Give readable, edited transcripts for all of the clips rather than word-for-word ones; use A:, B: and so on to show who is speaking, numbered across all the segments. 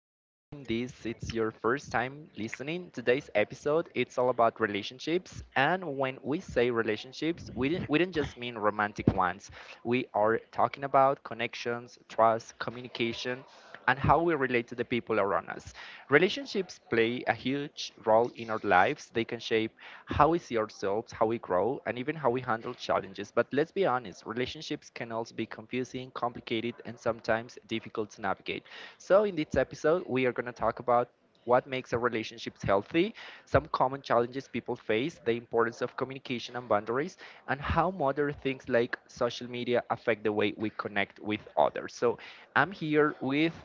A: welcome in this. It's your first time listening. Today's episode, it's all about relationships. And when we say relationships, we didn't just mean romantic ones. We are talking about connections, trust, communication, and how we relate to the people around us. Relationships play a huge role in our lives. They can shape how we see ourselves, how we grow, and even how we handle challenges. But let's be honest, relationships can also be confusing, complicated, and sometimes difficult to navigate. So, in this episode, we are going to talk about what makes a relationship healthy? Some common challenges people face, the importance of communication and boundaries, and how modern things like social media affect the way we connect with others. So I'm here with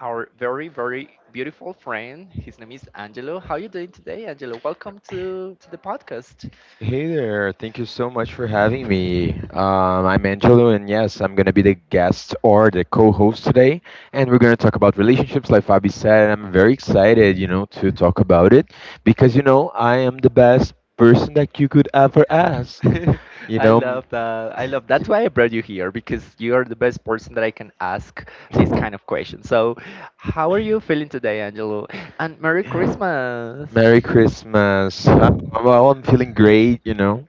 A: our very, very beautiful friend. His name is Angelo. How are you doing today, Angelo? Welcome to the podcast.
B: Hey there, thank you so much for having me. I'm Angelo, and yes, I'm going to be the guest or the co host today. And we're going to talk about relationships, like Fabi said. And I'm very excited, to talk about it because, I am the best person that you could ever ask. You
A: I
B: know, m-
A: love that. I love That's why I brought you here because you are the best person that I can ask this kind of question. So, how are you feeling today, Angelo? And Merry Christmas.
B: Merry Christmas. Well, I'm feeling great.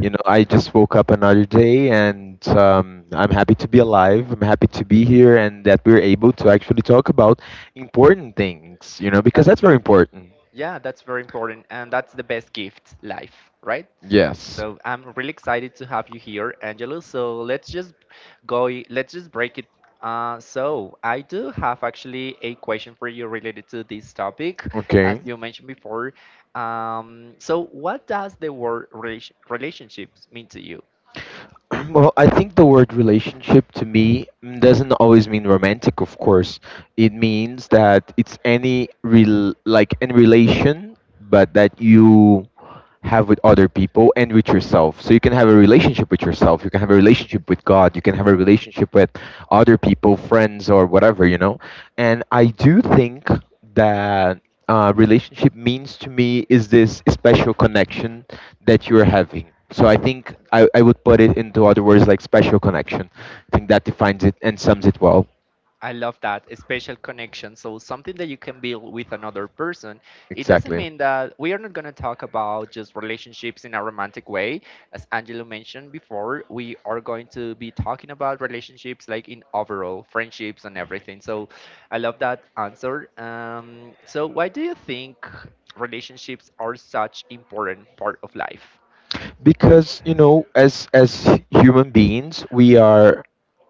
B: I just woke up another day, and I'm happy to be alive. I'm happy to be here and that we're able to actually talk about important things, because
A: That-
B: that's very important.
A: Yeah, that's very important. And that's the best gift, life, right?
B: Yes.
A: So I'm really excited to have you here, Angelo. So let's just break it. So I do have actually a question for you related to this topic, as
B: Okay.
A: you mentioned before. So what does the word relationships mean to you?
B: Well, I think the word relationship to me doesn't always mean romantic, of course. It means that it's like any relation, but that you have with other people and with yourself. So you can have a relationship with yourself, you can have a relationship with God, you can have a relationship with other people, friends, or whatever. And I do think that relationship means to me is this special connection that you're having. So I think I would put it into other words like special connection. I think that defines it and sums it well.
A: I love that, a special connection. So something that you can build with another person. It doesn't
B: Exactly.
A: mean that we are not going to talk about just relationships in a romantic way. As Angelo mentioned before, we are going to be talking about relationships like in overall friendships and everything. So I love that answer. So why do you think relationships are such important part of life?
B: Because as human beings we are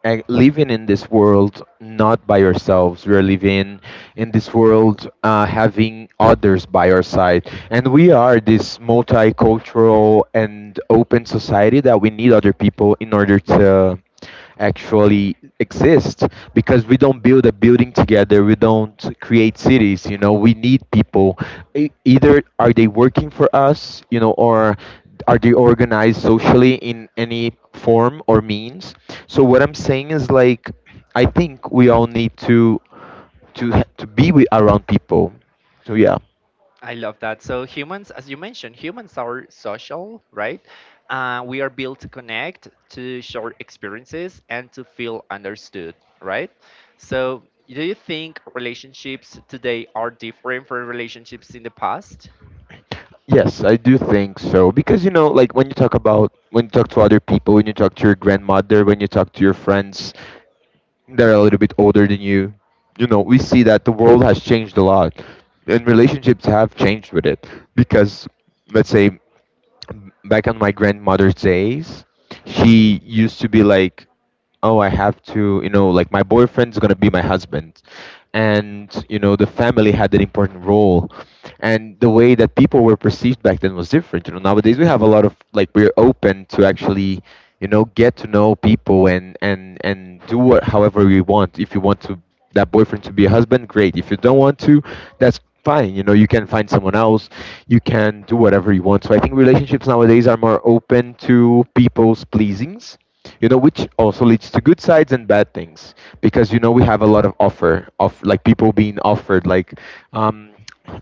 B: living in this world not by ourselves. We are living in this world having others by our side. And we are this multicultural and open society that we need other people in order to actually exist, because we don't build a building together, we don't create cities. We need people. Either are they working for us or are they organized socially in any form or means. So what I'm saying is, like, I think we all need to to be with, around people, so yeah.
A: I love that. So humans, as you mentioned, humans are social, right? We are built to connect, to share experiences, and to feel understood, right? So do you think relationships today are different from relationships in the past?
B: Yes, I do think so, because like when you talk about when you talk to other people, when you talk to your grandmother, when you talk to your friends that are a little bit older than you. You know We see that the world has changed a lot, and relationships have changed with it, because let's say back on my grandmother's days, she used to be like, "Oh, I have to, like my boyfriend's gonna be my husband," and the family had an important role, and the way that people were perceived back then was different. Nowadays we have a lot of, like, we're open to actually, get to know people, and do what however we want. If you want to that boyfriend to be a husband, great. If you don't want to, that's fine. You can find someone else. You can do whatever you want. So I think relationships nowadays are more open to people's pleasings. Which also leads to good sides and bad things, because we have a lot of offer of, like, people being offered, like, um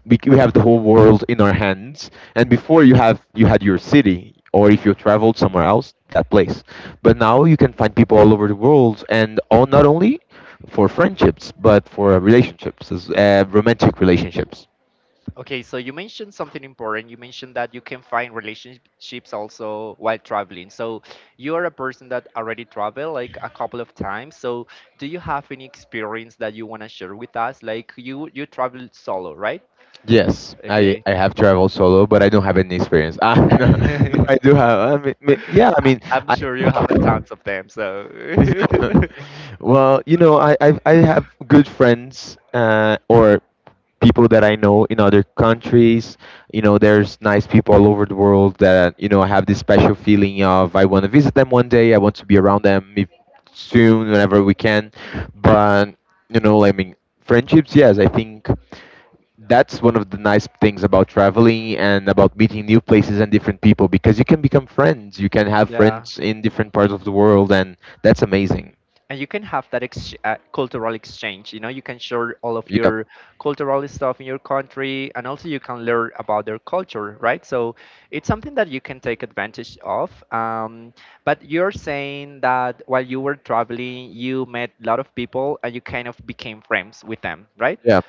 B: we have the whole world in our hands, and before you had your city, or if you traveled somewhere else, that place. But now you can find people all over the world, and all not only for friendships, but for relationships, romantic relationships.
A: Okay, so you mentioned something important. You mentioned that you can find relationships also while traveling. So you are a person that already traveled like a couple of times. So do you have any experience that you want to share with us? Like you traveled solo, right?
B: Yes, I,
A: Okay.
B: I have traveled solo, but I don't have any experience. Ah, no, no, I do have. I mean, yeah, I mean,
A: I'm
B: I
A: sure you have a tons of them. So
B: Well, I have good friends, or people that I know in other countries. There's nice people all over the world that I have this special feeling of I want to visit them one day. I want to be around them if, soon, whenever we can. But I mean, friendships. Yes, I think that's one of the nice things about traveling and about meeting new places and different people, because you can become friends. You can have
A: Yeah.
B: friends in different parts of the world, and that's amazing.
A: And you can have that cultural exchange. You know, you can share all of
B: Yep.
A: your cultural stuff in your country, and also you can learn about their culture, right? So it's something that you can take advantage of. But you're saying that while you were traveling you met a lot of people and you kind of became friends with them, right?
B: Yeah.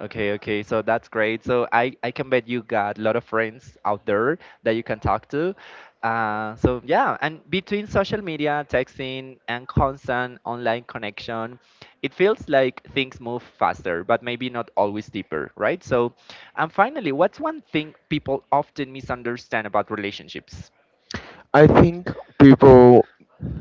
A: Okay, okay. So that's great. So I can bet you got a lot of friends out there that you can talk to. So yeah, and between social media, texting, and constant online connection, it feels like things move faster, but maybe not always deeper, right? So, and finally, what's one thing people often misunderstand about relationships?
B: I think people,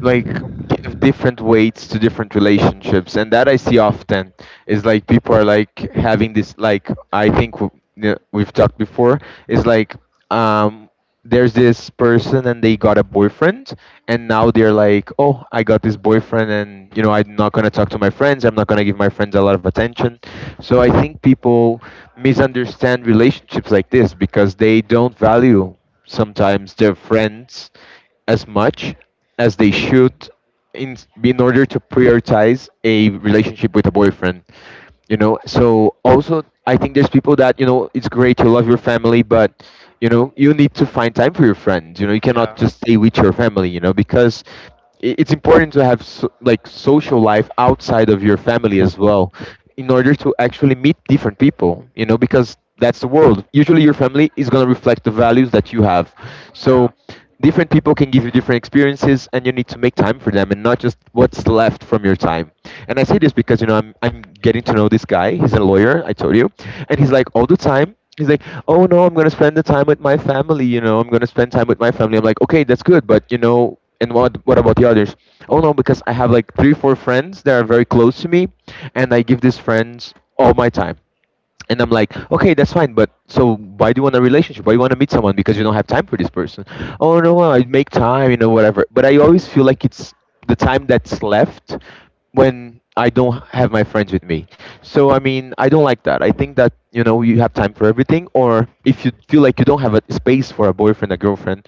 B: like, give different weights to different relationships, and that I see often is, like, people are, like, having this. Like, I think yeah, we've talked before, is, like, um there's this person, and they got a boyfriend, and now they're like, oh, I got this boyfriend, and I'm not going to talk to my friends, I'm not going to give my friends a lot of attention. So I think people misunderstand relationships like this, because they don't value sometimes their friends as much as they should, in in order to prioritize a relationship with a boyfriend. So also I think there's people that, it's great to love your family, but you need to find time for your friends. You cannot
A: Yeah,
B: just stay with your family, you know, because it's important to have, so, like, social life outside of your family as well, in order to actually meet different people, because that's the world. Usually your family is going to reflect the values that you have, so
A: yeah,
B: different people can give you different experiences, and you need to make time for them, and not just what's left from your time. And I say this because I'm getting to know this guy. He's a lawyer, I told you, and he's like all the time. He's like, oh no, I'm gonna spend the time with my family. I'm gonna spend time with my family. I'm like, okay, that's good, but and what about the others? Oh no, because I have like three, four friends that are very close to me, and I give these friends all my time, and I'm like, okay, that's fine, but so why do you want a relationship? Why do you want to meet someone? Because you don't have time for this person. Oh no, I make time, whatever. But I always feel like it's the time that's left, when I don't have my friends with me. So I mean, I don't like that. I think that you have time for everything, or if you feel like you don't have a space for a boyfriend, a girlfriend,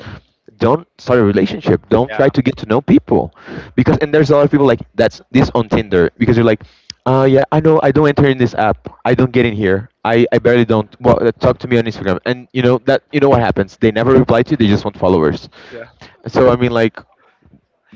B: don't start a relationship. Don't try
A: yeah,
B: to get to know people, because, and there's a lot of people like that's this on Tinder, because you're like, yeah, I know, I don't enter in this app, I don't get in here, I barely don't, well, talk to me on Instagram, and you know that you know what happens, they never reply to you, they just want followers.
A: yeah.
B: So I mean, like,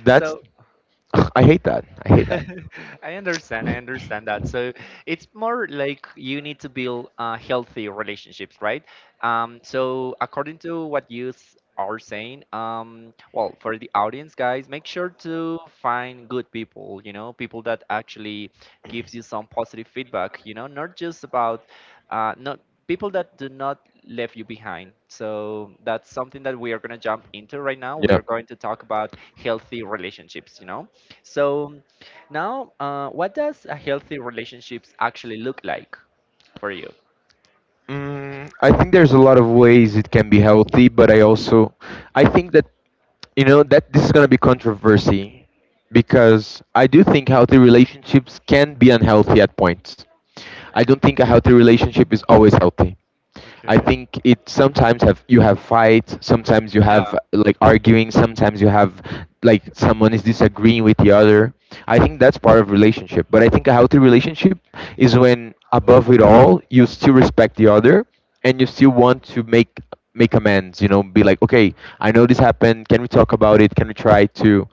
B: that's
A: So
B: ugh, I hate that, I hate that.
A: I understand. I understand that. So it's more like you need to build healthy relationships, right? So according to what you are saying, well, for the audience, guys, make sure to find good people. You know, people that actually gives you some positive feedback. You know, not just about not people that do not leave you behind. So that's something that we are going to jump into right now. We are going to talk about healthy relationships, you know. So now, what does a healthy relationships actually look like for you?
B: Mm, I think there's a lot of ways it can be healthy, but I also I think that you know that this is gonna be controversy, because I do think healthy relationships can be unhealthy at points. I don't think a healthy relationship is always healthy. I
A: Okay.
B: think it sometimes have you have fights, sometimes you
A: Yeah,
B: have like arguing, sometimes you have like someone is disagreeing with the other. I think that's part of relationship. But I think a healthy relationship is when, above it all, you still respect the other, and you still want to make amends, be like, okay, I know this happened, can we talk about it? Can we try to,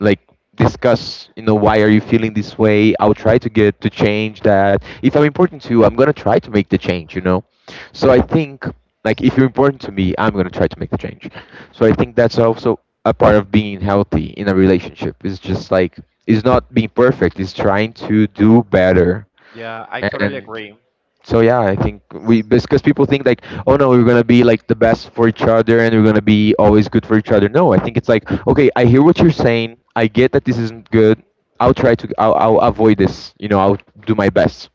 B: like, discuss why are you feeling this way. I'll try to get to change that. If I'm important to you, I'm going to try to make the change. So I think, like, if you're important to me, I'm going to try to make the change. So I think that's also a part of being healthy in a relationship. It's just like, it's not being perfect, it's trying to do better.
A: yeah, I totally
B: And
A: agree.
B: so yeah, I think we, because people think like, oh no, we're gonna be like the best for each other, and we're gonna be always good for each other. No, I think it's like, okay, I hear what you're saying, I get that this isn't good, I'll try to, I'll avoid this. I'll do my best,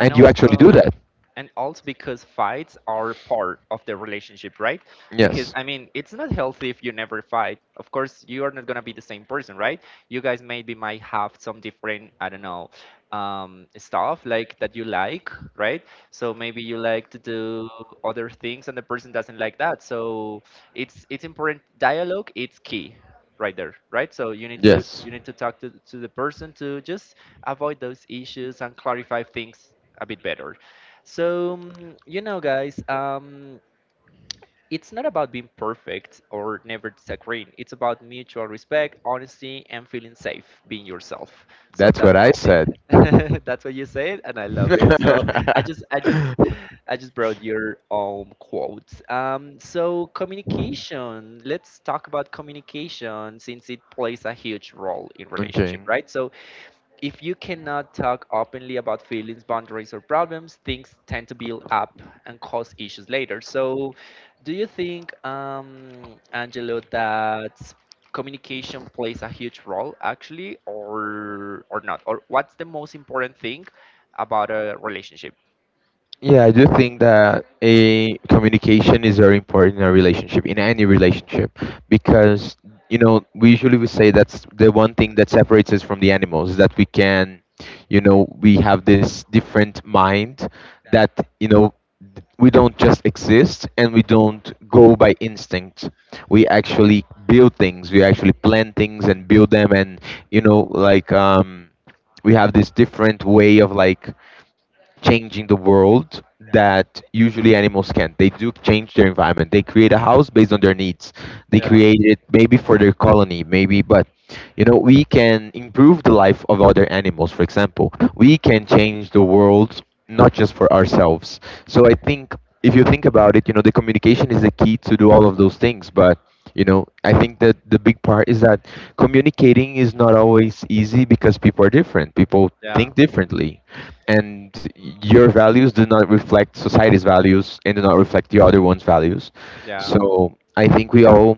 A: And
B: you actually
A: also,
B: do that.
A: and also because fights are part of the relationship, right? Because
B: Yes.
A: I mean it's not healthy if you never fight. Of course, you are not going to be the same person, right? You guys maybe might have some different, I don't know, stuff like that you like, right? So maybe you like to do other things and the person doesn't like that. So it's important, dialogue it's key, right there, right? So you need to talk to the person to just avoid those issues and clarify things a bit better. So, you know, guys, it's not about being perfect or never disagreeing. It's about mutual respect, honesty, and feeling safe being yourself. So
B: That's what
A: that's
B: I
A: something.
B: said.
A: That's what you said, and I love it. So I just, I just, I just brought your quotes. So communication. Let's talk about communication since it plays a huge role in
B: Okay.
A: relationship, right? So if you cannot talk openly about feelings, boundaries, or problems, things tend to build up and cause issues later. So, do you think, Angelo, that communication plays a huge role actually, or not? Or what's the most important thing about a relationship?
B: Yeah, I do think that a communication is very important in a relationship, in any relationship, because we usually we say that's the one thing that separates us from the animals is that we can. We have this different mind that you know we don't just exist, and we don't go by instinct. We actually build things. We actually plan things and build them, and you know, we have this different way of changing the world that usually animals can. They do change their environment. They create a house based on their needs. They
A: Yeah,
B: create it maybe for their colony, maybe, but you know, we can improve the life of other animals, for example. We can change the world not just for ourselves. So I think if you think about it, you know, the communication is the key to do all of those things. But you know, I think that the big part is that communicating is not always easy because people are different. People
A: yeah,
B: think differently, and your values do not reflect society's values and do not reflect the other one's values.
A: yeah.
B: So I think we all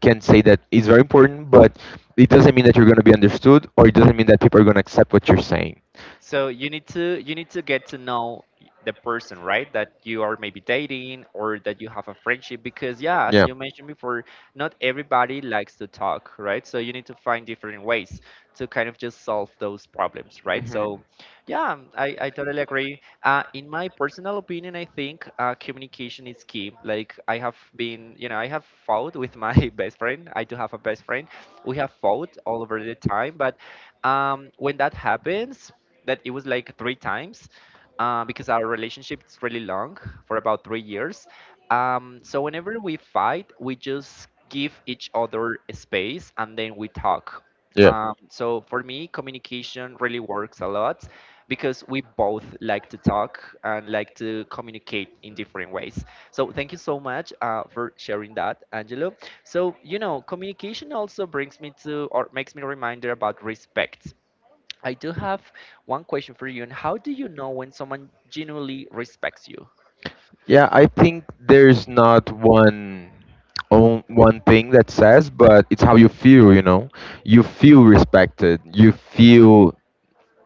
B: can say that it's very important, but it doesn't mean that you're going to be understood, or it doesn't mean that people are going to accept what you're saying.
A: So you need to get to know the person, right? That you are maybe dating or that you have a friendship because yeah, as
B: Yeah,
A: you mentioned before, not everybody likes to talk, right? So you need to find different ways to kind of just solve those problems,
B: right?
A: right?
B: Hmm. So
A: So yeah, I totally agree. In my personal opinion, I think communication is key. Like I have been, you know, I have fought with my best friend. I do have a best friend. We have fought all over the time, but when that happens, that it was like three times because our relationship is really long for about 3 years. So whenever we fight, we just give each other space and then we talk.
B: yeah.
A: So for me, communication really works a lot because we both like to talk and like to communicate in different ways. So thank you so much for sharing that, Angelo. So you know, communication also brings me to or makes me reminder about respect. I do have one question for you. And how do you know when someone genuinely respects you?
B: Yeah, I think there's not one on one thing that says, but it's how you feel, you know. You feel respected, you feel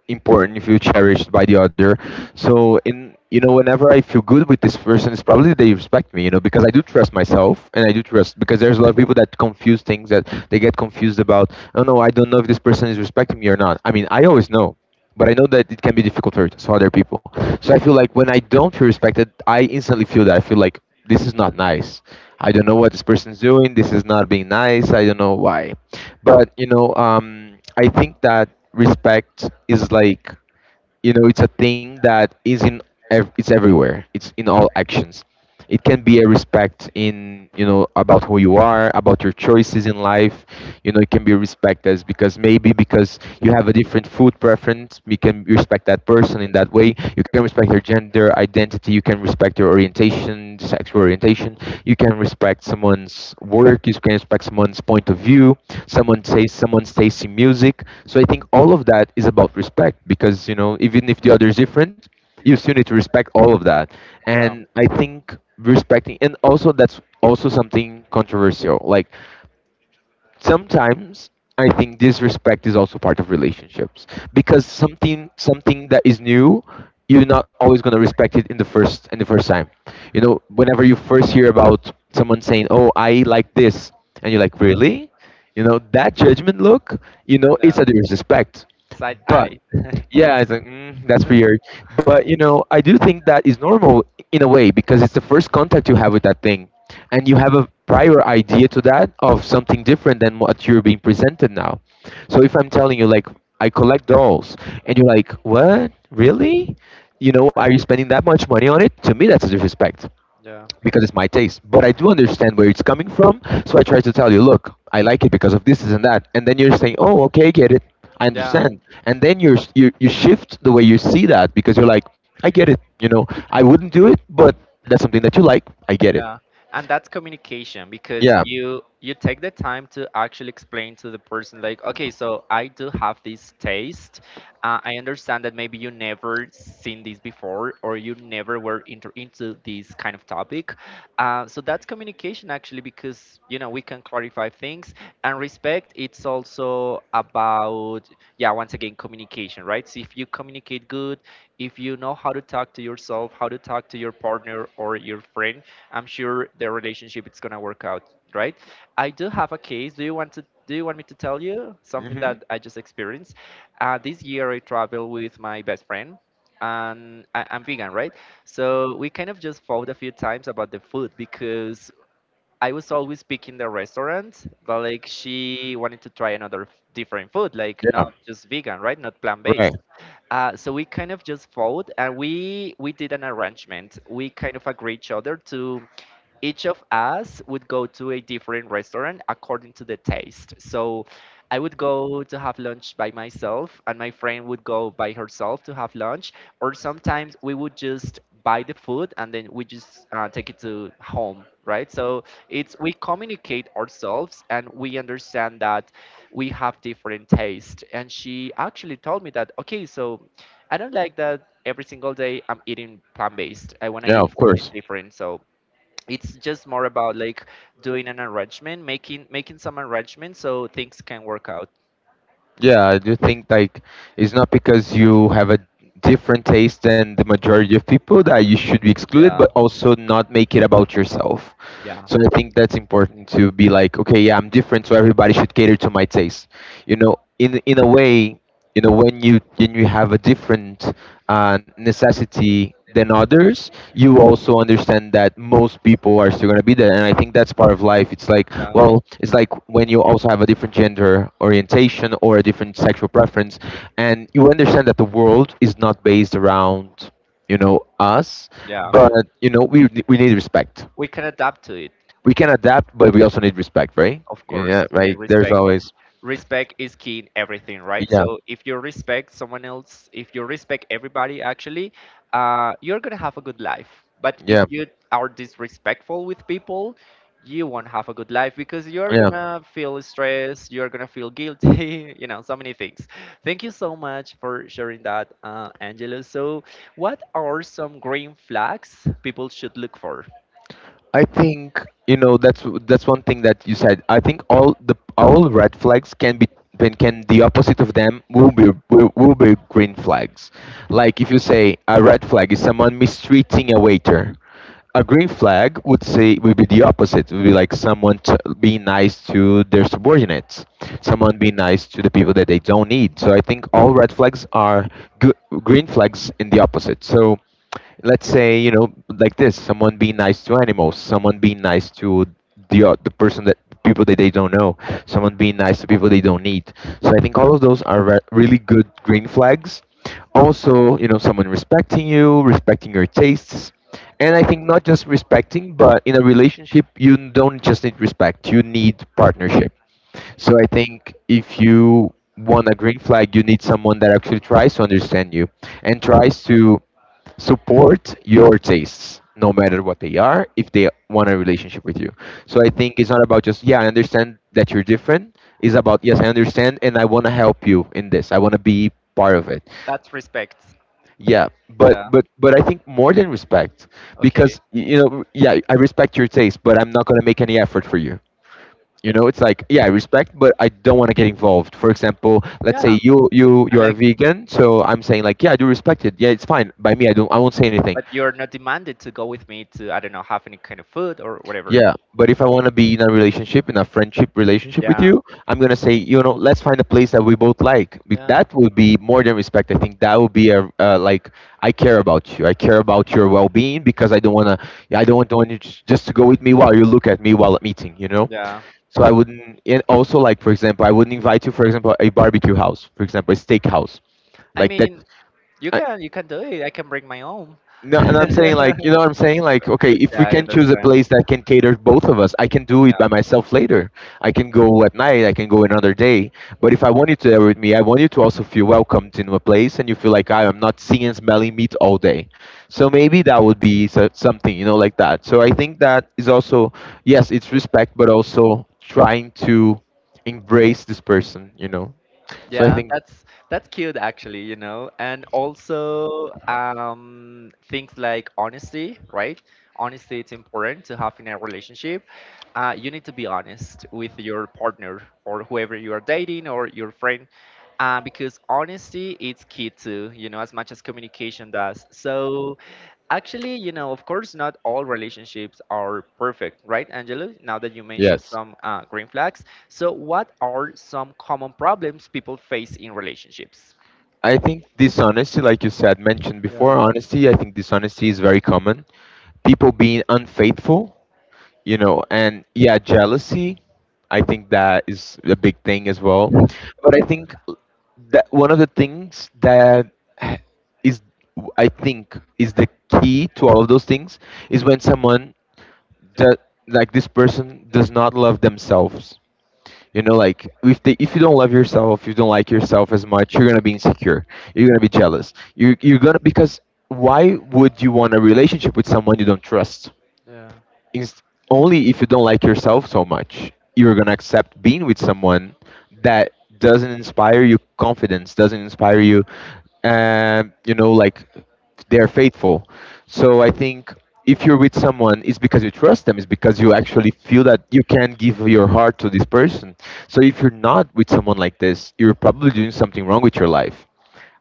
B: important, you feel cherished by the other. So in you know, whenever I feel good with this person, it's probably they respect me, you know, because I do trust myself and I do trust because there's a lot of people that confuse things that they get confused about, oh no, I don't know if this person is respecting me or not. I mean I always know, but I know that it can be difficult for some other people. So I feel like when I don't feel respected, I instantly feel that I feel like this is not nice. I don't know what this person's doing. This is not being nice. I don't know why, but you know, I think that respect is like, you know, it's a thing that is in it's everywhere, it's in all actions. It can be a respect in, you know, about who you are, about your choices in life. You know, it can be respect as, because maybe because you have a different food preference, you can respect that person in that way. You can respect their gender identity, you can respect their orientation, sexual orientation. You can respect someone's work. You can respect someone's point of view. Someone says someone's taste in music. So I think all of that is about respect, because you know even if the other is different, you still need to respect all of that.
A: Yeah.
B: And I think respecting and also that's also something controversial. Like sometimes I think disrespect is also part of relationships because something that is new, you're not always gonna respect it in the first time. You know, whenever you first hear about someone saying, "Oh, I like this," and you're like, "Really?" You know, that judgment look, you know, it's
A: Yeah.
B: a disrespect.
A: Side
B: But
A: eye.
B: yeah, it's like that's weird. But you know, I do think that is normal in a way because it's the first contact you have with that thing, and you have a prior idea to that of something different than what you're being presented now. So if I'm telling you like I collect dolls, and you're like, what, really? You know, are you spending that much money on it? To me, that's a disrespect
A: Yeah.
B: because it's my taste. But I do understand where it's coming from, so I try to tell you, look, I like it because of this, this, and that. And then you're saying, oh, okay, I get it. I
A: Yeah.
B: understand. And then you shift the way you see that because you're like, I get it. You know, I wouldn't do it, but that's something that you like. I get it.
A: Yeah, and that's communication because
B: Yeah.
A: you take the time to actually explain to the person like okay so I do have this taste. I understand that maybe you never seen this before, or you never were into this kind of topic. So that's communication actually, because you know we can clarify things. And respect, it's also about, yeah, once again, communication, right? So if you communicate good, if you know how to talk to yourself, how to talk to your partner or your friend, I'm sure their relationship it's gonna work out, right? I do have a case. Do you want to? Do you want me to tell you something
B: Hmm.
A: that I just experienced? This year I traveled with my best friend, and I'm vegan, right? So we kind of just fought a few times about the food because I was always picking the restaurant, but like she wanted to try another different food, like
B: Yeah.
A: not just vegan, right? Not plant
B: Right.
A: based. So we kind of just fought, and we did an arrangement. We kind of agreed each other to each of us would go to a different restaurant according to the taste. So I would go to have lunch by myself, and my friend would go by herself to have lunch. Or sometimes we would just buy the food and then we just take it to home, right? So it's, we communicate ourselves and we understand that we have different tastes. And she actually told me that, okay, so I don't like that every single day I'm eating plant-based. I want to
B: Yeah.
A: eat
B: Of
A: something
B: course.
A: different. So it's just more about like doing an arrangement, making some arrangement so things can work out.
B: Yeah, I do think like it's not because you have a different taste than the majority of people that you should be excluded, but
A: Yeah,
B: also not make it about yourself.
A: yeah,
B: So I think that's important to be like, okay, yeah, I'm different, so everybody should cater to my taste. You know, in a way, you know when you have a different necessity than others, you also understand that most people are still going to be there, and I think that's part
A: yeah,
B: of life. It's like,
A: yeah,
B: well, it's like when you also have a different gender orientation or a different sexual preference, and you understand that the world is not based around, you know, us.
A: yeah.
B: But you know, we need respect.
A: We can adapt to it,
B: We can adapt, but we also need respect, right?
A: of course.
B: Yeah,
A: We need
B: like there's
A: respect.
B: always
A: Respect is key in everything, right?
B: yeah.
A: So if you respect someone else, if you respect everybody actually, you're gonna have a good life. But if
B: Yeah.
A: you are disrespectful with people, you won't have a good life because you're
B: Yeah,
A: gonna feel stress, you're gonna feel guilty you know so many things. Thank you so much for sharing that Angelo. So what are some green flags people should look for?
B: I think you know that's one thing that you said. I think all the all red flags can be then can the opposite of them will be will be green flags. Like if you say a red flag is someone mistreating a waiter, a green flag would say would be the opposite. Would be like being nice to their subordinates, someone being nice to the people that they don't need. So I think all red flags are g- green flags in the opposite. So let's say you know like this someone being nice to animals, someone being nice to the person that people that they don't know, someone being nice to people they don't need. So I think all of those are really good green flags. Also, you know, someone respecting you, respecting your tastes. And I think not just respecting, but in a relationship you don't just need respect, you need partnership. So I think if you want a green flag, you need someone that actually tries to understand you and tries to support your tastes no matter what they are, if they want a relationship with you. So I think it's not about just yeah I understand that you're different, it's about yes I understand and I want to help you in this, I want to be part of it.
A: That's respect.
B: Yeah, but
A: Yeah.
B: but I think more than respect,
A: Okay.
B: because you know, yeah I respect your taste but I'm not going to make any effort for you. You know, it's like yeah I respect but I don't want to get involved. For example, let's
A: Yeah,
B: say you
A: and
B: you are
A: like,
B: vegan, so I'm saying like yeah I do respect it, yeah it's fine by me, I don't, I won't say anything.
A: but you're not demanded to go with me to, I don't know, have any kind of food or whatever.
B: Yeah, but if I want to be in a relationship, in a friendship relationship with
A: Yeah,
B: you, I'm gonna say, you know, let's find a place that we both like.
A: yeah,
B: That would be more than respect. I think that would be a like I care about you. I care about your well-being because I don't wanna. I don't want you just to go with me while you look at me while at meeting. You know.
A: yeah.
B: So I wouldn't. And also, like for example, I wouldn't invite you, for example, a barbecue house, for example, a steakhouse,
A: I
B: like that.
A: mean, you
B: uh,
A: can you can do it. I can bring my own.
B: No, and I'm saying like, you know what I'm saying? Like, okay, if we
A: Yeah, I
B: can choose a
A: understand.
B: place that can cater both of us, I can do it
A: Yeah.
B: by myself later. I can go at night, I can go another day. But if I want you to there with me, I want you to also feel welcomed into a place and you feel like I am not seeing and smelling meat all day. So maybe that would be something, you know, like that. So I think that is also, yes, it's respect, but also trying to embrace this person, you know? So I
A: Yeah,
B: think,
A: that's cute actually, you know. And also things like honesty, right? Honesty it's important to have in a relationship. You need to be honest with your partner or whoever you are dating or your friend. Because honesty is key too, you know, as much as communication does. So, actually, you know, of course, not all relationships are perfect, right, Angelo? Now that you mentioned
B: yes.
A: some green flags. So, what are some common problems people face in relationships?
B: I think dishonesty, like you said, mentioned
A: Yeah,
B: before, honesty, I think dishonesty is very common. People being unfaithful, you know, and yeah, jealousy, I think that is a big thing as well. But I think that one of the things that is, I think, is the key to all of those things is when someone, that, like this person, does not love themselves. You know, like if you don't love yourself, you don't like yourself as much, you're gonna be insecure. You're gonna be jealous. You're gonna because why would you want a relationship with someone you don't trust?
A: yeah,
B: It's only if you don't like yourself so much, you're gonna accept being with someone that doesn't inspire you confidence, doesn't inspire you, you know, like they're faithful. So I think if you're with someone, it's because you trust them, it's because you actually feel that you can give your heart to this person. So if you're not with someone like this, you're probably doing something wrong with your life.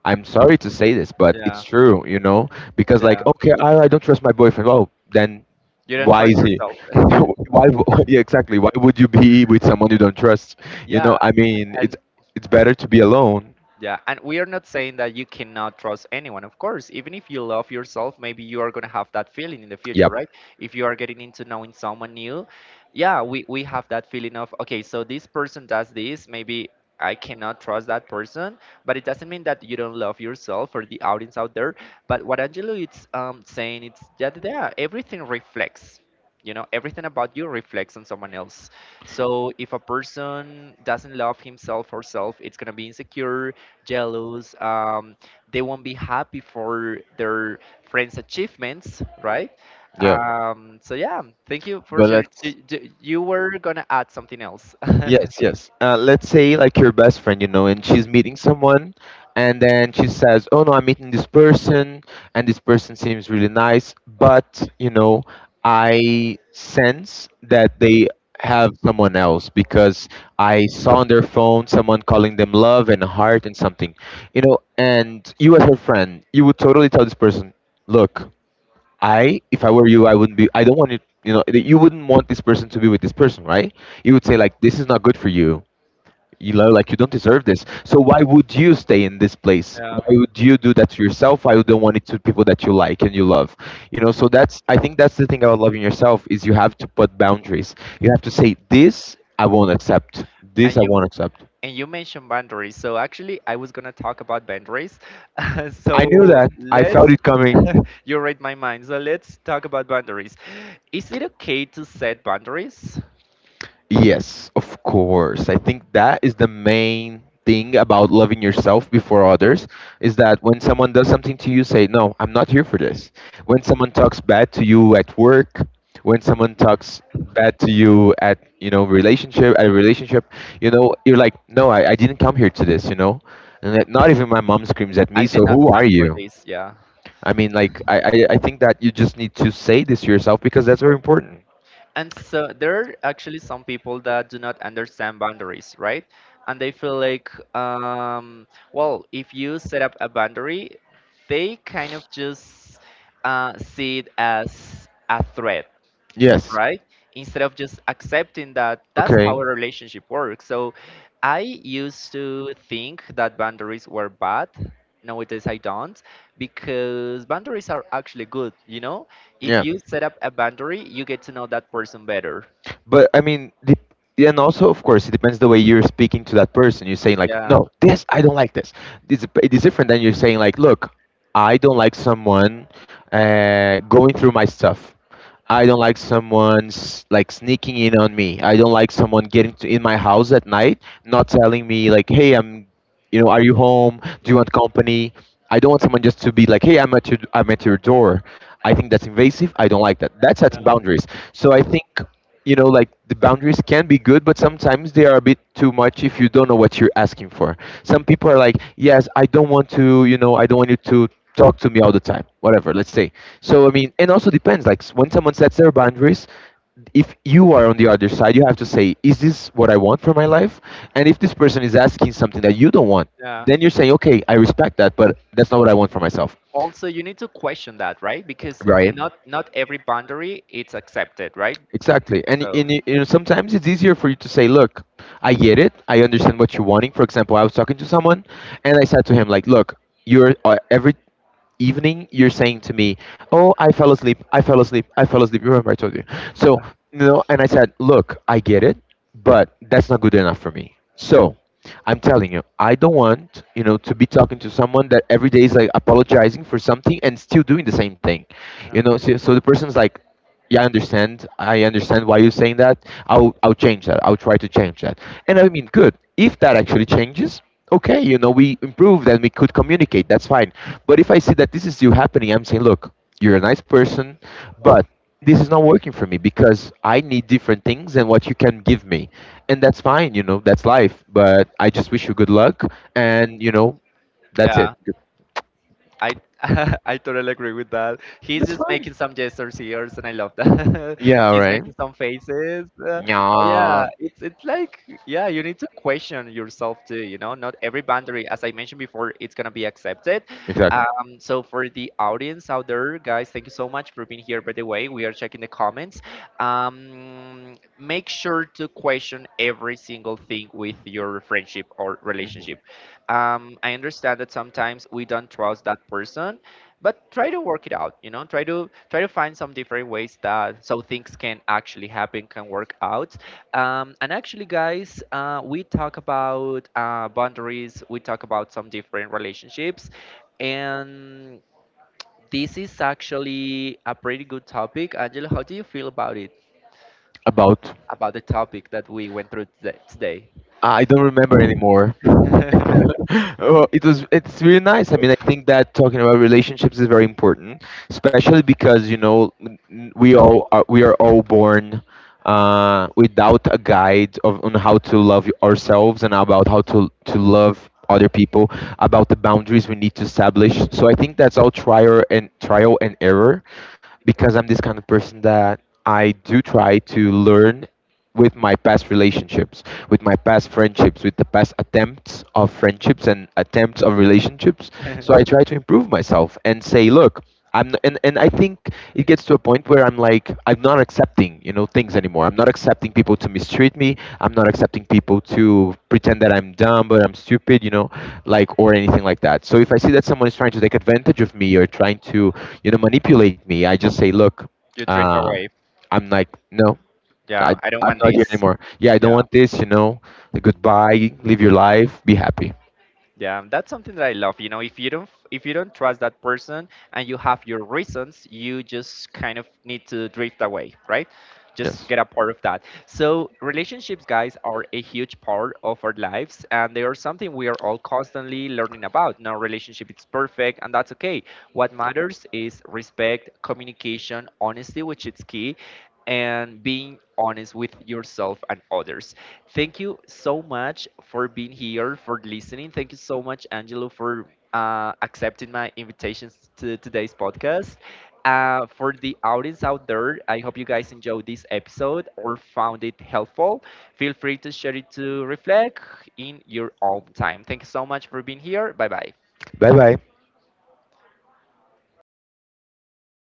B: I'm sorry to say this, but it's
A: yeah,
B: true, you know, because like,
A: yeah.
B: okay, I don't trust my boyfriend. Oh, then
A: You don't
B: why
A: trust
B: is he?
A: yourself.
B: Why? Yeah, exactly. Why would you be with someone you don't trust? You know,
A: Yeah,
B: I mean,
A: and
B: it's better to be alone.
A: yeah, and we are not saying that you cannot trust anyone. Of course, even if you love yourself, maybe you are going to have that feeling in the, yeah, future,
B: Yep.
A: right? If you are getting into knowing someone new, yeah, we have that feeling of, okay, so this person does this, maybe I cannot trust that person, but it doesn't mean that you don't love yourself or the audience out there. But what Angelo is saying, it's that, yeah, everything reflects. You know, everything about you reflects on someone else. So if a person doesn't love himself or herself, it's gonna be insecure, jealous, they won't be happy for their friends achievements, right?
B: Yeah,
A: So yeah, thank you for
B: but
A: sharing.
B: let's
A: You were gonna add something else.
B: yes, yes. Let's say like your best friend, you know, and she's meeting someone, and then she says, "Oh no, I'm meeting this person, and this person seems really nice, but you know, I sense that they have someone else because I saw on their phone someone calling them love and heart and something, you know." And you as her friend, you would totally tell this person, "Look. If I were you, I wouldn't be. I don't want it. You know, that you wouldn't want this person to be with this person, right? You would say like, this is not good for you. You know, like you don't deserve this. So why would you stay in this place? Why would you do that to yourself? Why would you want it to people that you like and you love? You know, so that's. I think that's the thing about loving yourself is you have to put boundaries. You have to say this I won't accept. This
A: And
B: I
A: you,
B: won't accept.
A: and you mentioned boundaries, so actually I was gonna talk about boundaries.
B: I knew
A: So
B: that. I felt
A: let's,
B: it coming.
A: you read my mind. So let's talk about boundaries. Is it okay to set boundaries?
B: Yes, of course. I think that is the main thing about loving yourself before others is that when someone does something to you, say, no, I'm not here for this. When someone talks bad to you at work, when someone talks bad to you at relationship, at a relationship, you know, you're like, no, I didn't come here to this, you know. And that, not even my mom screams at
A: I
B: me, so
A: did not
B: who are
A: sign for
B: you?
A: this, yeah.
B: I think that you just need to say this to yourself because that's very important.
A: And so there are actually some people that do not understand boundaries, right? And they feel like, well, if you set up a boundary, they kind of just see it as a threat,
B: Yes.
A: right? Instead of just accepting that that's how
B: Okay.
A: a relationship works. So I used to think that boundaries were bad. Nowadays I don't, because boundaries are actually good, you know? If
B: Yeah.
A: you set up a boundary, you get to know that person better.
B: But I mean, and also of course it depends the way you're speaking to that person. You're saying like,
A: Yeah.
B: no, this, I don't like this. It's, it is different than you're saying like, look, I don't like someone going through my stuff. I don't like someone's like sneaking in on me. I don't like someone getting to in my house at night, not telling me like, "Hey, I'm, you know, are you home, do you want company?" I don't want someone just to be like, "Hey, I'm at your, I'm at your door." I think that's invasive. I don't like that. That's
A: Yeah.
B: setting boundaries. So I think, you know, like the boundaries can be good, but sometimes they are a bit too much if you don't know what you're asking for. Some people are like, yes, I don't want to, you know, I don't want you to talk to me all the time, whatever, let's say. So I mean, and also depends like when someone sets their boundaries, if you are on the other side, you have to say, is this what I want for my life? And if this person is asking something that you don't want,
A: Yeah.
B: then you're saying, okay, I respect that, but that's not what I want for myself,
A: Also, you need to question that, right? Because
B: right?
A: not every boundary it's accepted, right?
B: Exactly. And, i-
A: So
B: and i- you know, sometimes it's easier for you to say, look, I get it. I understand what you're wanting. For example, I was talking to someone and I said to him, like, look, you're every evening you're saying to me, "Oh, I fell asleep. I fell asleep. I fell asleep. You remember I told you." So, you know, and I said, look, I get it, but that's not good enough for me. So I'm telling you, I don't want, you know, to be talking to someone that every day is like apologizing for something and still doing the same thing. You
A: yeah.
B: know, so, so the person's like, yeah, I understand. I understand why you're saying that. I'll change that. I'll try to change that. And I mean, good. If that actually changes, okay, you know, we improved and we could communicate. That's fine. But if I see that this is still happening, I'm saying, look, you're a nice person, but this is not working for me because I need different things than what you can give me. And that's fine, you know, that's life. But I just wish you good luck and, you know, that's it.
A: Yeah. I I totally agree with that. He's
B: That's
A: just
B: fine.
A: making some gestures here, and I love that. Yeah.
B: Yeah,
A: He's
B: right.
A: making some faces. But
B: Yeah.
A: yeah, it's like, yeah, you need to question yourself too. You know, not every boundary, as I mentioned before, it's gonna be accepted.
B: Exactly.
A: So for the audience out there, guys, thank you so much for being here. By the way, we are checking the comments. Make sure to question every single thing with your friendship or
B: Mhm.
A: relationship. I understand that sometimes we don't trust that person, but try to work it out. You know, try to try to find some different ways that so things can actually happen, can work out. And actually, guys, we talk about boundaries. We talk about some different relationships, and this is actually a pretty good topic. Angela, how do you feel about it?
B: About.
A: About the topic that we went through today?
B: I don't remember anymore. Well, it was, it's really nice. I mean, I think that talking about relationships is very important, especially because, you know, we are all born without a guide of on how to love ourselves and about how to love other people, about the boundaries we need to establish. So I think that's all trial and error, because I'm this kind of person that I do try to learn with my past relationships, with my past friendships, with the past attempts of friendships and attempts of relationships. So I try to improve myself and say, look, and I think it gets to a point where I'm like, I'm not accepting, you know, things anymore. I'm not accepting people to mistreat me. I'm not accepting people to pretend that I'm dumb or I'm stupid, you know, like or anything like that. So if I see that someone is trying to take advantage of me or trying to, you know, manipulate me, I just say, look,
A: You drift
B: uh,
A: away.
B: I'm like, no, I
A: Yeah, I don't
B: I'm
A: want
B: not here
A: this.
B: anymore. Yeah, I don't
A: Yeah.
B: want this. You know, like, goodbye. Live your life. Be happy.
A: Yeah, that's something that I love. You know, if you don't, if you don't trust that person and you have your reasons, you just kind of need to drift away, right? Just
B: Yes.
A: get a part of that. So relationships, guys, are a huge part of our lives, and they are something we are all constantly learning about. No relationship is perfect, and that's okay. What matters is respect, communication, honesty, which is key, and being honest with yourself and others. Thank you so much for being here, for listening. Thank you so much, Angelo, for accepting my invitations to today's podcast. For the audience out there, I hope you guys enjoyed this episode or found it helpful. Feel free to share it, to reflect in your own time. Thank you so much for being here. Bye bye.
B: Bye bye.